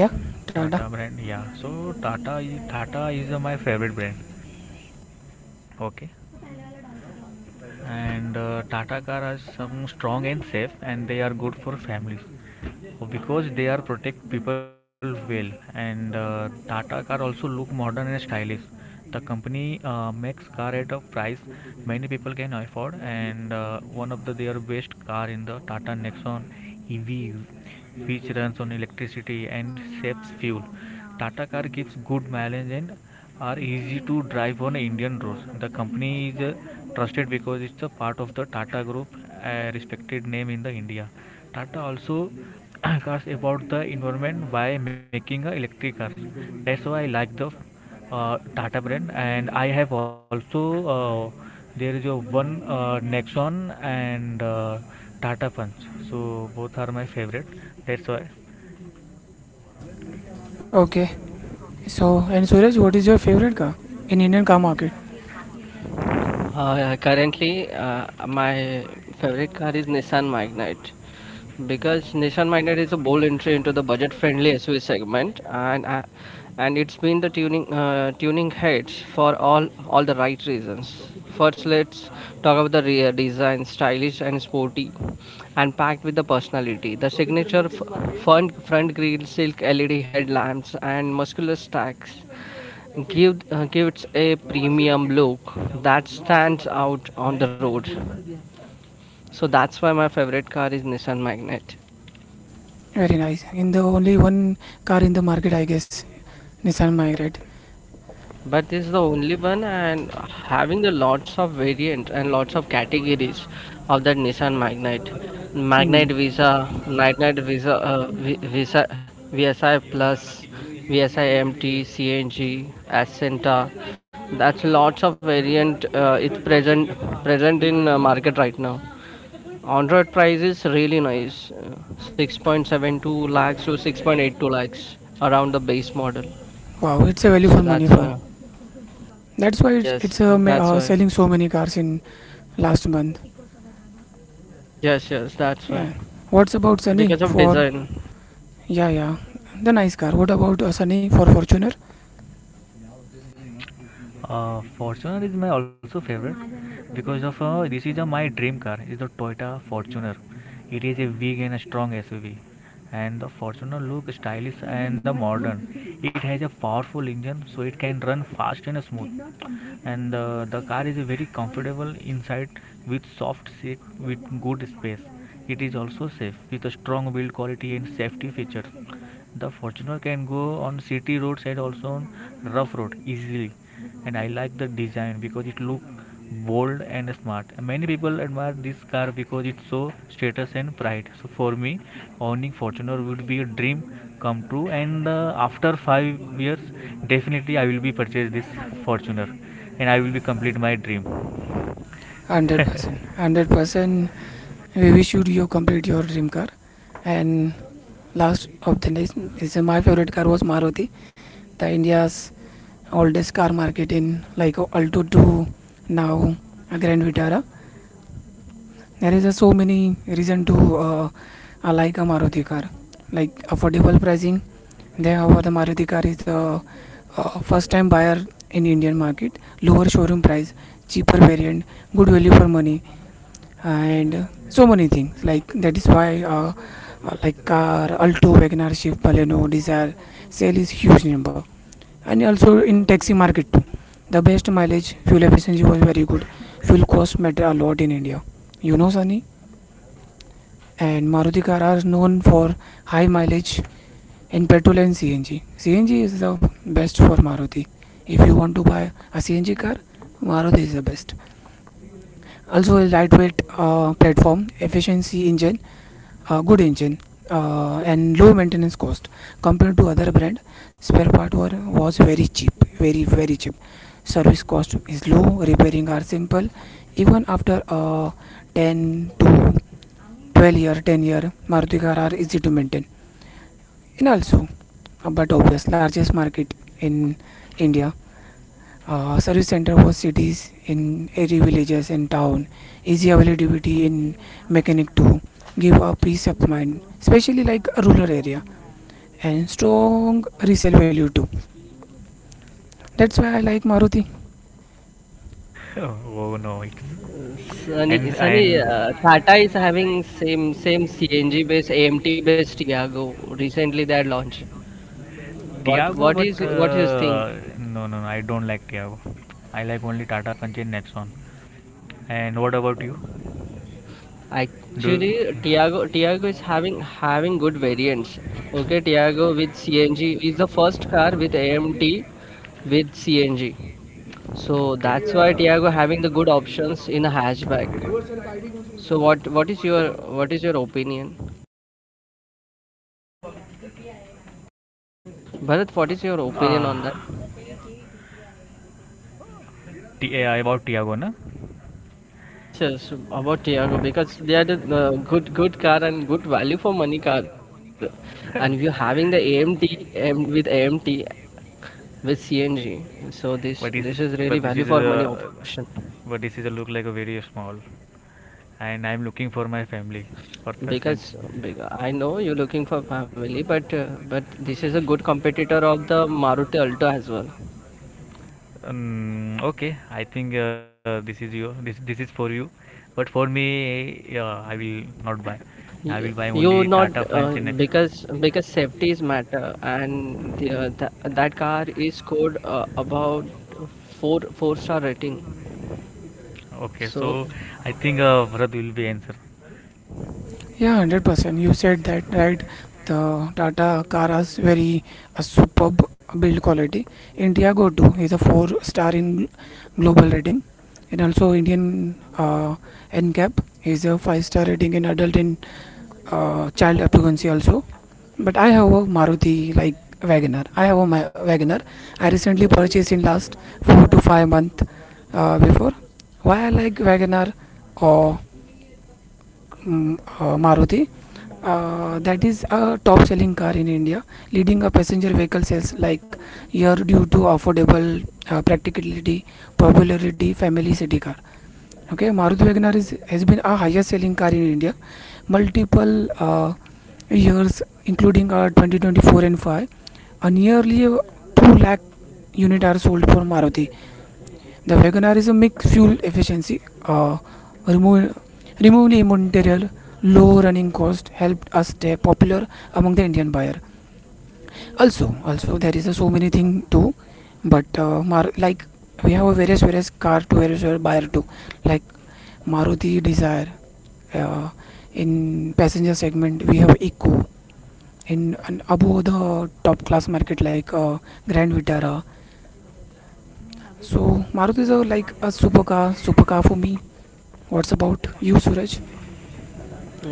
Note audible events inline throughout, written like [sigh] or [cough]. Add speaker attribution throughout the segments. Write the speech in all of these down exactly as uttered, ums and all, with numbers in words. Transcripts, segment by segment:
Speaker 1: Yeah, Tata.
Speaker 2: अपरेंग 2 irrelevant के मिजवफी जब चीवरत यह पहाईए वाहईख टकार तटक कार इद तकॉच wish I would � okay. And uh, Tata car are some strong and safe, and they are good for families. Uh, because they are protect people well. And uh, Tata car also look modern and stylish. The company uh, makes car at a price many people can afford, and uh, one of the their best car in the Tata Nexon E V, which runs on electricity and saves fuel. Tata car gives good mileage and are easy to drive on Indian roads. The company is uh, trusted because it's a part of the Tata Group, a respected name in the India. Tata also [coughs] cares about the environment by making uh, electric cars. That's why I like the uh, Tata brand. And I have also uh, there is a one uh, Nexon and uh, Tata Punch. So both are my favorite. That's
Speaker 1: Okay. So, and Suraj, what is your
Speaker 2: why.
Speaker 1: favorite car in Indian car market?
Speaker 3: Uh, currently, uh, my favorite car is Nissan Magnite, because Nissan Magnite is a bold entry into the budget-friendly S U V segment, and uh, and it's been the tuning uh, tuning heads for all all the right reasons. First, let's talk about the rear design, stylish and sporty, and packed with the personality. The signature f- front front grille, silk L E D headlamps, and muscular stacks give uh, gives a premium look that stands out on the road, so that's why my favorite car is Nissan Magnet.
Speaker 1: Very nice. In the only one car in the market, I guess, Nissan Migrate.
Speaker 3: But this is the only one, and having the lots of variants and lots of categories of that Nissan magnet
Speaker 1: Hmm.
Speaker 3: magnet visa magnet visa uh, Vi- visa VSI Plus, VSI MT, CNG, Ascenta. That's lots of variant uh, it's present present in uh, market right now. Android price is really nice, uh, six point seven two lakhs to six point eight two lakhs around the base model.
Speaker 1: Wow, it's a value for
Speaker 3: So
Speaker 1: money
Speaker 3: that's
Speaker 1: for.
Speaker 3: why.
Speaker 1: That's why it's, it's
Speaker 3: Yes,
Speaker 1: uh, ma-
Speaker 3: that's
Speaker 1: uh,
Speaker 3: why.
Speaker 1: selling so many cars in last month.
Speaker 3: Yes, yes, that's why.
Speaker 1: Yeah. What's about Sunny
Speaker 3: Because of
Speaker 1: for?
Speaker 3: design.
Speaker 1: Yeah, yeah. The nice car. What about uh, Sunny for Fortuner?
Speaker 2: Uh, Fortuner is my also favorite because of uh, this is uh, my dream car. It's the Toyota Fortuner. It is a big and a strong S U V, and the Fortuner look stylish and the modern. It has a powerful engine, so it can run fast and smooth. And uh, the car is very comfortable inside with soft seat with good space. It is also safe with a strong build quality and safety features. The Fortuner can go on city roads and also on rough road easily, and I like the design because it look bold and smart. Many people admire this car because it's so status and pride. So for me, owning Fortuner would be a dream come true. And uh, after five years, definitely I will be purchase this Fortuner, and I will be complete my dream.
Speaker 1: one hundred percent. one hundred percent. We wish you you complete your dream car. And last of the list is uh, my favorite car was Maruti, the India's oldest car market in like Alto two now uh, Grand Vitara. There is uh, so many reason to uh, uh, like a Maruti car, like affordable pricing. There, however, the Maruti car is the uh, first time buyer in Indian market, lower showroom price, cheaper variant, good value for money, and uh, so many things. Like that is why. Uh, uh, like car, Alto, Wagoner, Shift, Baleno, Desire, sale is huge number. And also in taxi market too, the best mileage fuel efficiency was very good. Fuel cost matter a lot in India, you know Sunny. And Maruti car are known for high mileage in petrol and CNG. CNG is the best for Maruti. If you want to buy a CNG car, Maruti is the best. Also lightweight uh, platform efficiency engine, uh, good engine, uh, and low maintenance cost compared to other brand. Spare part were, was very cheap, very very cheap. Service cost is low, repairing are simple. Even after uh, ten to twelve year, ten year, Maruti car are easy to maintain. And also, uh, but obvious largest market in India. Uh, service center for cities in every villages and town. Easy availability in mechanic too. Give a peace of mind, especially like a rural area, and strong resale value too. That's why I like Maruti.
Speaker 2: [laughs] Oh no, it's
Speaker 3: Sunny,
Speaker 2: and
Speaker 3: Sunny,
Speaker 2: and
Speaker 3: uh, Tata is having same same C N G based A M T based Tiago. Recently they had launched. What
Speaker 2: Tiago,
Speaker 3: what
Speaker 2: but
Speaker 3: is what you think?
Speaker 2: uh, no no no, I don't like Tiago. I like only Tata Punch and Nexon. And what about you? Do
Speaker 3: Actually, Tiago Tiago is having having good variants. Okay, Tiago with C N G is the first car with A M T with C N G. So
Speaker 2: okay.
Speaker 3: that's why. Yeah. Tiago having the good options in a hatchback. So what what is your what is your opinion, Bharat? What is your opinion
Speaker 2: Uh,
Speaker 3: on that?
Speaker 2: T- uh, about Tiago, na?
Speaker 3: Yes, yes, about Tiago, because they are the uh, good good car and good value for money car, and you are having the
Speaker 2: [laughs]
Speaker 3: A M T um, with A M T with C N G, so this
Speaker 2: but
Speaker 3: this
Speaker 2: this,
Speaker 3: is really
Speaker 2: but this
Speaker 3: value
Speaker 2: is
Speaker 3: for money
Speaker 2: a,
Speaker 3: option,
Speaker 2: but this is a look like a very small, and I'm looking for my family purpose. And
Speaker 3: because uh, be- I know you're looking for family, but uh, but this is a good competitor of the Maruti Alto as well.
Speaker 2: um, okay, I think uh, this is you. This this is for you, but for me, uh, I will not buy. I
Speaker 3: Y-
Speaker 2: will buy
Speaker 3: you
Speaker 2: only
Speaker 3: not,
Speaker 2: Tata Funds
Speaker 3: uh,
Speaker 2: in next.
Speaker 3: because because safety is matter, and the, uh, tha that car is scored uh, about four four star rating.
Speaker 2: Okay,
Speaker 3: So
Speaker 2: so I think uh, Bharat will be answer.
Speaker 1: Yeah, one hundred percent. You said that right. The Tata car has very a superb build quality. India Indiago too is a four star in global rating, and also Indian uh, NCAP is a five star rating in adult and uh, child occupancy also. But I have a Maruti like Wagoner. I have a Ma- Wagoner. I recently purchased in last four to five month uh, before. Why I like Wagoner or mm, uh, Maruti? Uh, that is a top selling car in India, leading a passenger vehicle sales like year due to affordable uh, practicality, popularity, family city car. Okay, Maruti Wagoner is, has been a highest selling car in India multiple uh, years, including uh, twenty twenty-four and five. Uh, nearly uh, two lakh units are sold for Maruti. The Wagoner is a mixed fuel efficiency, uh, remove, removable material, low running cost helped us stay popular among the Indian buyer. Also, also there is uh, so many thing too, but uh, Mar- like we have a various various car to various various buyer too, like Maruti Desire. Uh, in passenger segment, we have Eco. In and above the top class market like uh, Grand Vitara. So Maruti is a, like a supercar, supercar for me. What's about you, Suraj?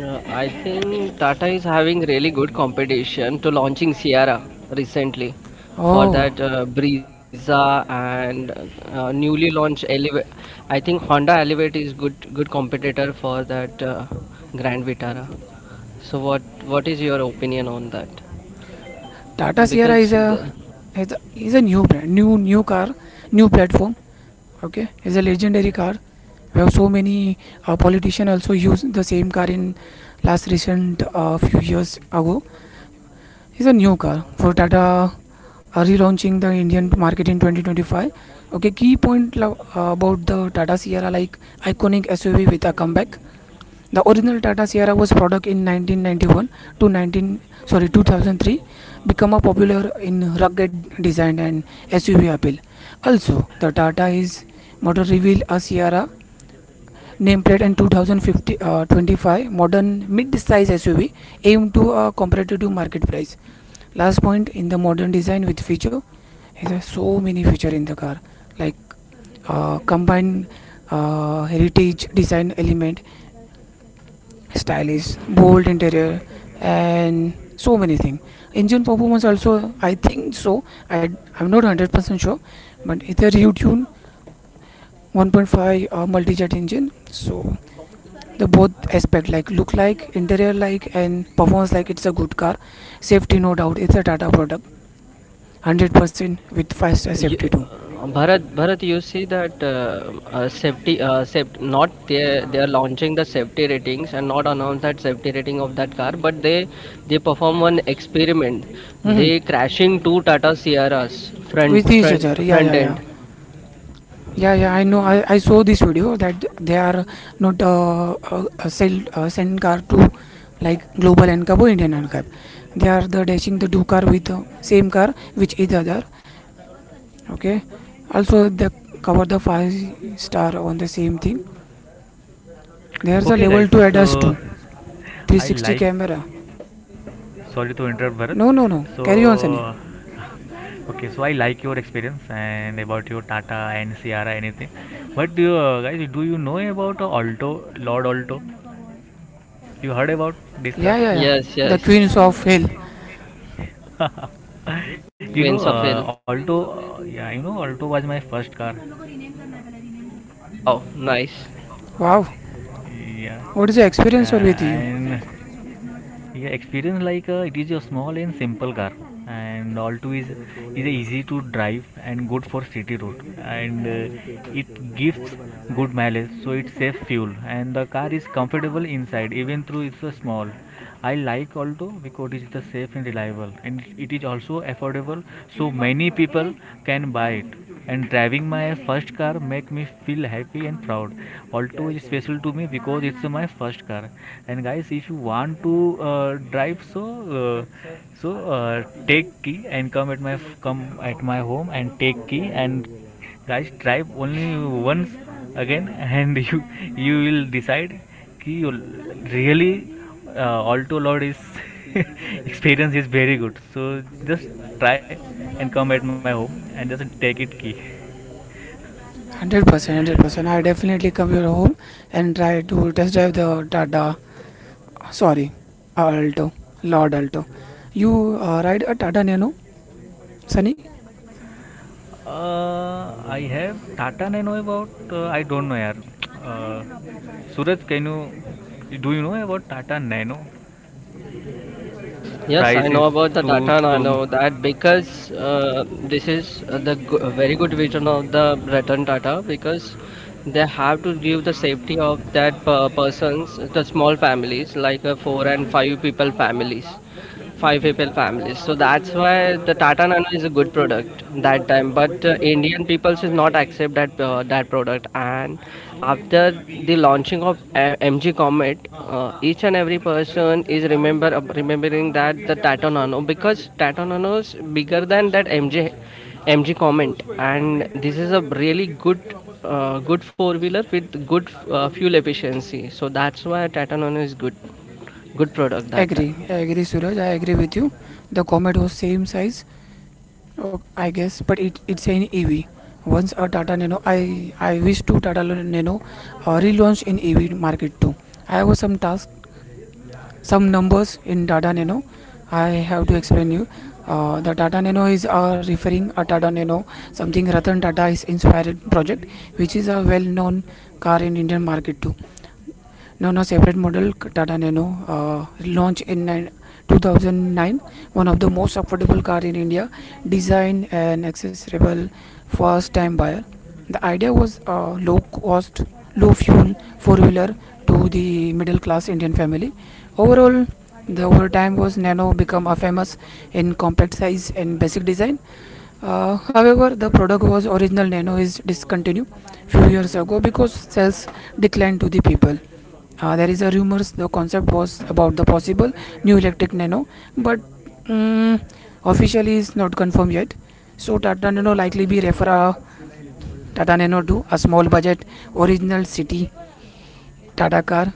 Speaker 3: uh, i think Tata is having really good competition to launching Sierra recently, for
Speaker 1: Oh,
Speaker 3: that uh, Brisa, and uh, newly launched Elevate. I think Honda Elevate is good good competitor for that uh, Grand Vitara. So what what is your opinion on that?
Speaker 1: Tata Sierra is
Speaker 3: because
Speaker 1: a
Speaker 3: the,
Speaker 1: is a, is a new brand, new new car, new platform. Okay, is a legendary car. We have so many uh, politicians also use the same car in last recent uh, few years ago. This is a new car for Tata uh, relaunching the Indian market in twenty twenty-five. Okay, key point uh, about the Tata Sierra like iconic S U V with a comeback. The original Tata Sierra was product in nineteen ninety-one to nineteen sorry two thousand three, become a popular in rugged design and S U V appeal. Also, the Tata is model reveal a Sierra nameplate and two thousand twenty-five modern mid-size S U V aimed to a competitive market price. Last point in the modern design with feature, is there so many feature in the car like uh, combined uh, heritage design element, stylish bold interior, and so many things. Engine performance also, I think so. I, i'm not one hundred percent sure, but it's a retune one point five uh, multi-jet engine. So the both aspect like look like interior like and performance like, it's a good car. Safety, no doubt, it's a Tata product, one hundred percent with fast
Speaker 3: you,
Speaker 1: safety too.
Speaker 3: Bharat, Bharat, you see that uh, uh, safety, uh, safety, not they they are launching the safety ratings and not announce that safety rating of that car, but they they perform one experiment. They
Speaker 1: Mm-hmm.
Speaker 3: crashing two Tata Sierras
Speaker 1: With
Speaker 3: front
Speaker 1: each other,
Speaker 3: front
Speaker 1: yeah, yeah,
Speaker 3: front
Speaker 1: yeah,
Speaker 3: end.
Speaker 1: yeah, yeah. I know. I, I saw this video that they are not uh, uh, uh, sell uh, send car to like global NCAP or Indian NCAP. They are the dashing the two car with uh, same car which each other. Okay. Also they cover the five star on the same thing. There's a
Speaker 2: Okay,
Speaker 1: level
Speaker 2: guys,
Speaker 1: two ADAS, two
Speaker 2: so I
Speaker 1: three sixty
Speaker 2: like.
Speaker 1: camera.
Speaker 2: Sorry to interrupt, Bharat.
Speaker 1: No, no, no. Carry on,
Speaker 2: So,
Speaker 1: Sunny.
Speaker 2: okay, so I like your experience and about your Tata and Sierra, anything. But do you, guys, do you know about Alto, Lord Alto? You heard about this
Speaker 1: Yeah,
Speaker 2: car?
Speaker 1: yeah, yeah.
Speaker 3: Yes,
Speaker 1: The
Speaker 3: yes.
Speaker 1: queens of hell.
Speaker 2: [laughs] You know,
Speaker 3: Queens of
Speaker 2: uh,
Speaker 3: Hill.
Speaker 2: Alto, uh, yeah, you know, Alto was my first car.
Speaker 3: Wow, nice.
Speaker 1: Wow.
Speaker 2: Yeah,
Speaker 1: What is the experience or with
Speaker 2: yeah,
Speaker 1: you?
Speaker 2: and yeah, experience like uh, it is a small and simple car, and also is is a easy to drive and good for city road, and uh, it gives good mileage, so it's safe fuel, and the car is comfortable inside even though it's a small. I like Alto because it is the safe and reliable, and it is also affordable, so many people can buy it, and driving my first car make me feel happy and proud. Alto is special to me because it's my first car. And guys, if you want to uh, drive, so uh, so uh, take key and come at my f- come at my home and take key and guys drive only once again [laughs] and you you will decide कि really uh, Alto Lord is [laughs] experience is very good, so just try and come at my home and just take it key.
Speaker 1: One hundred percent, one hundred percent. I definitely come your home and try to test drive the Tata. Sorry, uh, Alto, Lord Alto. You uh, ride a Tata Nano, Sunny?
Speaker 2: Uh, I have Tata Nano about uh, I don't know yaar. Uh, Suraj, can you do you know about Tata Nano?
Speaker 3: Yes,
Speaker 2: Price
Speaker 3: I
Speaker 2: is
Speaker 3: know about the
Speaker 2: two
Speaker 3: Tata
Speaker 2: two.
Speaker 3: Nano, that because uh, this is uh,
Speaker 2: नहीं
Speaker 3: the
Speaker 2: relative
Speaker 3: go-
Speaker 2: उसके
Speaker 3: very good vision
Speaker 2: पास ही
Speaker 3: of the
Speaker 2: नहीं
Speaker 3: Ratan Tata, because they have to
Speaker 2: है
Speaker 3: give the safety of
Speaker 2: नहीं.
Speaker 3: that per persons, the small families like uh, four and five people families five people families. So that's why the Tata Nano is a good product that time. But uh, Indian people should not accept that uh, that product. And after the launching of uh, M G Comet, uh, each and every person is remember uh, remembering that the Tata Nano, because Tata Nano is bigger than that M G M G Comet, and this is a really good. Uh, good four wheeler with good uh, fuel efficiency, so that's why Tata Nano is good good product that time.
Speaker 1: Agree, I agree, Suraj. I agree with you. The Comet was same size, oh, I guess, but it it's an E V. Once a Tata Nano, I I wish to Tata Nano uh, relaunch in E V market too. I have some task some numbers in Tata Nano. I have to explain you. Uh, the Tata Nano is uh, referring a Tata Nano, something Ratan Tata is inspired project, which is a well-known car in Indian market too. Nano separate model Tata Nano uh, launched in two thousand nine, one of the most affordable car in India, designed and accessible first time buyer. The idea was uh, low cost, low fuel four wheeler to the middle class Indian family. Overall, the over time was Nano become a famous in compact size and basic design. Uh, however, the product was original Nano is discontinued few years ago because sales declined to the people. Uh, there is a rumors the concept was about the possible new electric nano, but mm, officially is not confirmed yet. So Tata Nano likely be refer a Tata Nano to a small budget original city Tata car.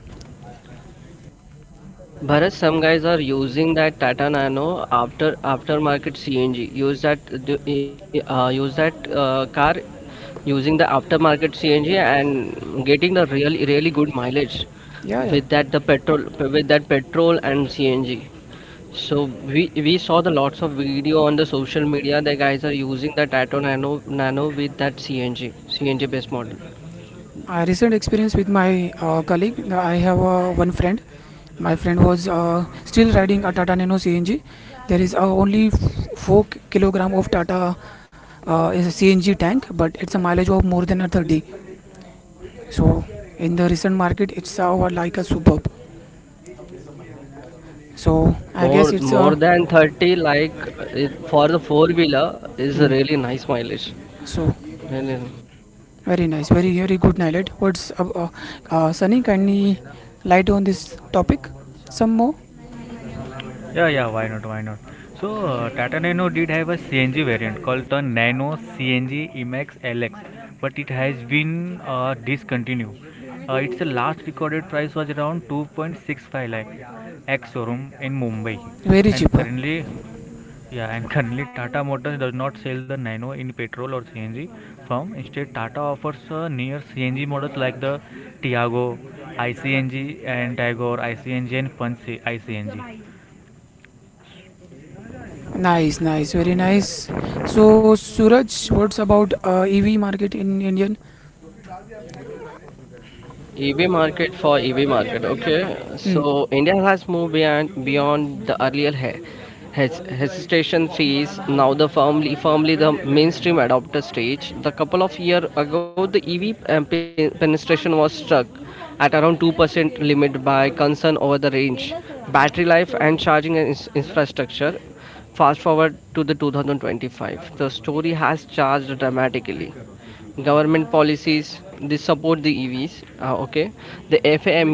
Speaker 3: Bharat, some guys are using that Tata Nano after aftermarket C N G. Use that uh, use that uh, car, using the aftermarket C N G and getting the really really good mileage
Speaker 1: Yeah, yeah.
Speaker 3: with that the petrol with that petrol and C N G. So we we saw the lots of video on the social media. The guys are using the Tata Nano Nano with that C N G C N G based model.
Speaker 1: I recent experience with my uh, colleague. uh, I have uh, one friend. My friend was uh, still riding a Tata Nano C N G. There is uh, only four kilogram of Tata uh, is a C N G tank, but it's a mileage of more than a thirty. So in the recent market, it's over like a superb. So I
Speaker 3: More
Speaker 1: guess it's
Speaker 3: more
Speaker 1: a
Speaker 3: than thirty, like uh, for the four wheeler, is a
Speaker 1: mm,
Speaker 3: really nice mileage.
Speaker 1: so
Speaker 3: No, no, no.
Speaker 1: very nice, very very good night. What's uh, uh, uh, Sunny? Kindly light on this topic some more.
Speaker 2: Yeah, yeah, why not? Why not? So, uh, Tata Nano did have a C N G variant called the Nano C N G Emax L X, but it has been uh, discontinued. Uh, its last recorded price was around two point six five lakh ex showroom in Mumbai,
Speaker 1: Very
Speaker 2: and
Speaker 1: cheaper.
Speaker 2: currently, yeah, and currently Tata Motors does not sell the Nano in petrol or C N G form. Instead, Tata offers uh, near C N G models like the Tiago, ICNG, and Tagore I C N G and Punch I C N G.
Speaker 1: Nice, nice, very nice. So Suraj, what's about uh, E V market in Indian?
Speaker 3: E V market, for E V market. Okay,
Speaker 1: Mm,
Speaker 3: so India has moved beyond beyond the earlier he- hes- hesitation phase. Now the firmly firmly the mainstream adopter stage. The couple of year ago, the E V um, pe- penetration was struck at around two percent limit by concern over the range, battery life, and charging ins- infrastructure. Fast forward to the two thousand twenty-five, the story has charged dramatically. Government policies, they support the EVs. Uh, okay, the FAME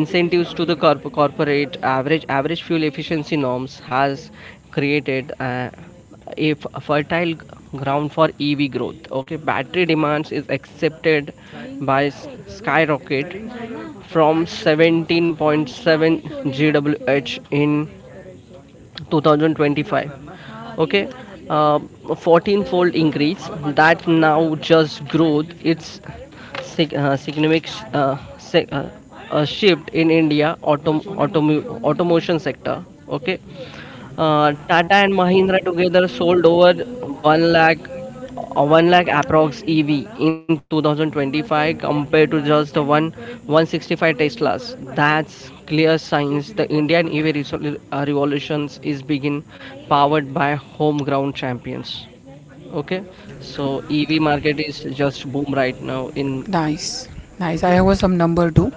Speaker 3: incentives to the corp- corporate average average fuel efficiency norms has created uh, a f- fertile ground for EV growth. Okay, battery demands is accepted by skyrocket from seventeen point seven GWh in two thousand twenty-five. Okay, uh, fourteen fold increase, that now just growth, it's sig- uh, significant, uh, sig- uh, a shift in India autom- automo- automation sector. Okay, uh, Tata and Mahindra together sold over one lakh uh, one lakh approx E V in two thousand twenty-five, compared to just the one 165 Teslas. That's clear signs the Indian E V resol- uh, revolutions is begin, powered by home ground champions. Okay, so E V market is just boom right now in.
Speaker 1: nice, nice. I have uh, some number too.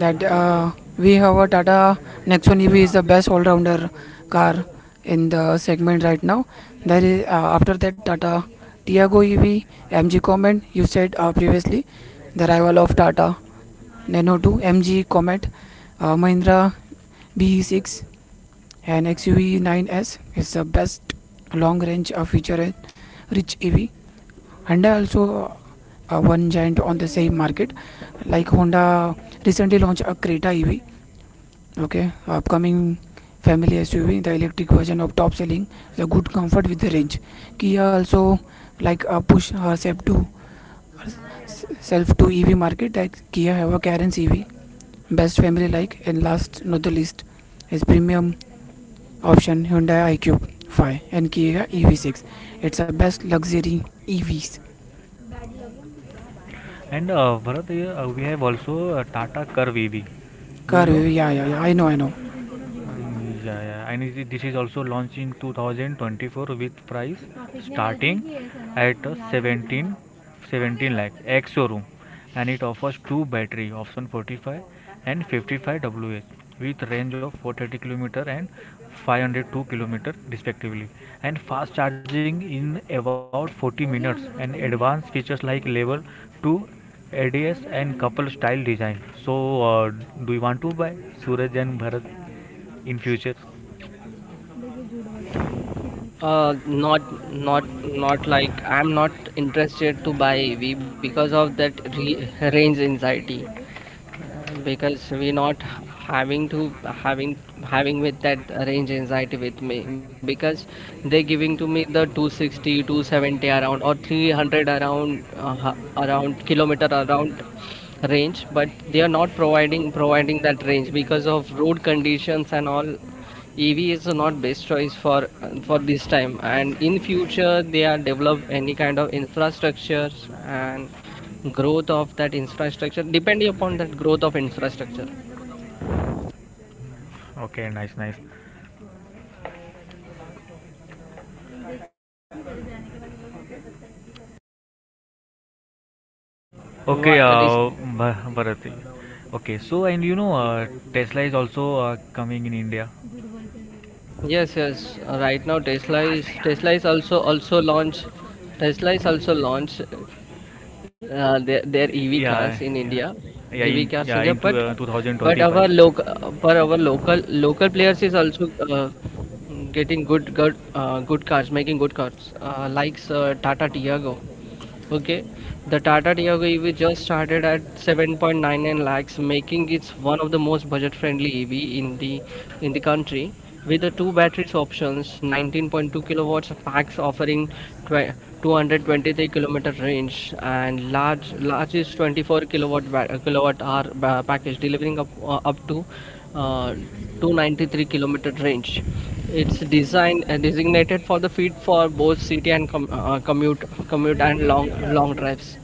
Speaker 1: That uh, we have a Tata Nexon E V is the best all-rounder car in the segment right now. There is uh, after that Tata Tiago E V, M G Comet. You said uh, previously the rival of Tata Nano two, M G Comet, uh, Mahindra B E six, and X U V nine S is the best long-range uh, feature-rich E V. Honda also uh, one giant on the same market, like Honda recently launched a Creta E V. Okay, upcoming family S U V, the electric version of top selling, the good comfort with the range. Kia also like uh, push herself to self to E V market. Like Kia have a Karen's E V, best family like, and last not the least is premium option Hyundai iQ five and Kia E V six. It's a best luxury E Vs
Speaker 2: And uh, Bharat, uh, uh, we have also uh, Tata Curve E V. Do you
Speaker 1: car.
Speaker 2: know?
Speaker 1: Yeah, yeah, yeah. Yeah,
Speaker 2: Uh,
Speaker 1: I know, I know.
Speaker 2: um, yeah, yeah. And is it- this is also launched in two thousand twenty-four with price starting at uh, seventeen, seventeen lakh ex showroom, and it offers two battery option forty-five and fifty-five Wh with range of four hundred thirty kilometer and five hundred two kilometer respectively, and fast charging in about forty minutes and advanced features like level two A D S and couple style design. So, uh, do you want to buy, Suraj and Bharat, in future?
Speaker 3: Uh not not not like I'm not interested to buy EV because of that re- range anxiety. Uh, because we not having to having having with that range anxiety with me, because they giving to me the two sixty, two seventy around, or three hundred around uh, around kilometer around range. But they are not
Speaker 2: देखिए
Speaker 3: providing providing that
Speaker 2: झूठ बोल रहे हैं वो बात
Speaker 3: range
Speaker 2: तो यकीन
Speaker 3: because of road
Speaker 2: नहीं करते हो गया हम लोग का हो गया आदित्य आइडर पे तो मैं तो
Speaker 3: conditions
Speaker 2: गुरु
Speaker 3: and
Speaker 2: अरे
Speaker 3: all.
Speaker 2: क्या
Speaker 3: EV is
Speaker 2: चिल्ला
Speaker 3: not best choice for
Speaker 2: सब हमने
Speaker 3: for this
Speaker 2: पाँच
Speaker 3: time,
Speaker 2: पाँच
Speaker 3: and in
Speaker 2: बनाए
Speaker 3: future
Speaker 2: हैं पाँच
Speaker 3: they
Speaker 2: पाँच के तो
Speaker 3: are
Speaker 2: कितना
Speaker 3: develop
Speaker 2: अच्छा है हम लोग तो कितने तो नहीं पड़े हाँ देखिए
Speaker 3: any
Speaker 2: हम लोग
Speaker 3: kind
Speaker 2: का
Speaker 3: of
Speaker 2: तो चालू रहेगा.
Speaker 3: infrastructures, and growth of that infrastructure depending upon that growth of infrastructure.
Speaker 2: Okay, nice, nice,
Speaker 3: Why-
Speaker 2: okay.
Speaker 3: res-
Speaker 2: बराती, okay, so and you know Tesla is also coming in India,
Speaker 3: Yes, yes. Uh, right now, Tesla is Tesla is also also launch. Tesla is also launch uh, their their E V cars
Speaker 2: yeah,
Speaker 3: in
Speaker 2: yeah, in,
Speaker 3: India, EV
Speaker 2: yeah,
Speaker 3: cars in India.
Speaker 2: into
Speaker 3: But
Speaker 2: twenty twenty-five.
Speaker 3: but our local but our local local players is also uh, getting good good uh, good cars, making good cars. Uh, likes uh, Tata Tiago. Okay, the Tata Tiago E V just started at seven point nine nine lakhs, making it one of the most budget-friendly E V in the in the country. With the two batteries options, nineteen point two kilowatts packs offering tw two hundred twenty-three kilometer range and large largest twenty-four kilowatt ba- kilowatt hour ba- package, delivering up uh, up to uh, two hundred ninety-three kilometer range. It's designed uh, designated for the feed for both city and com- uh, uh, commute commute, and long long drives.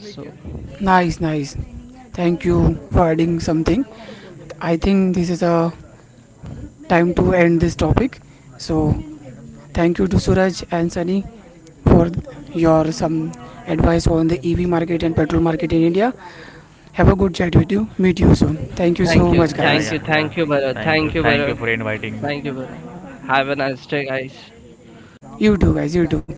Speaker 3: So
Speaker 1: Nice, nice. Thank you for adding something. I think this is a time to end this topic. So thank you to Suraj and Sunny for your some advice on the E V market and petrol market in India. Have a good chat with you. Meet you soon. Thank you
Speaker 3: thank
Speaker 1: so
Speaker 3: you,
Speaker 1: much,
Speaker 3: thank
Speaker 2: Yeah,
Speaker 1: guys.
Speaker 3: you,
Speaker 2: yeah,
Speaker 3: thank
Speaker 2: yeah,
Speaker 3: you, Bharat. Thank
Speaker 2: thank
Speaker 3: you,
Speaker 2: you, thank you for
Speaker 3: Bharat. Thank you,
Speaker 2: inviting
Speaker 3: Bharat. Have a nice day,
Speaker 2: me.
Speaker 3: guys.
Speaker 1: You too, guys. You too.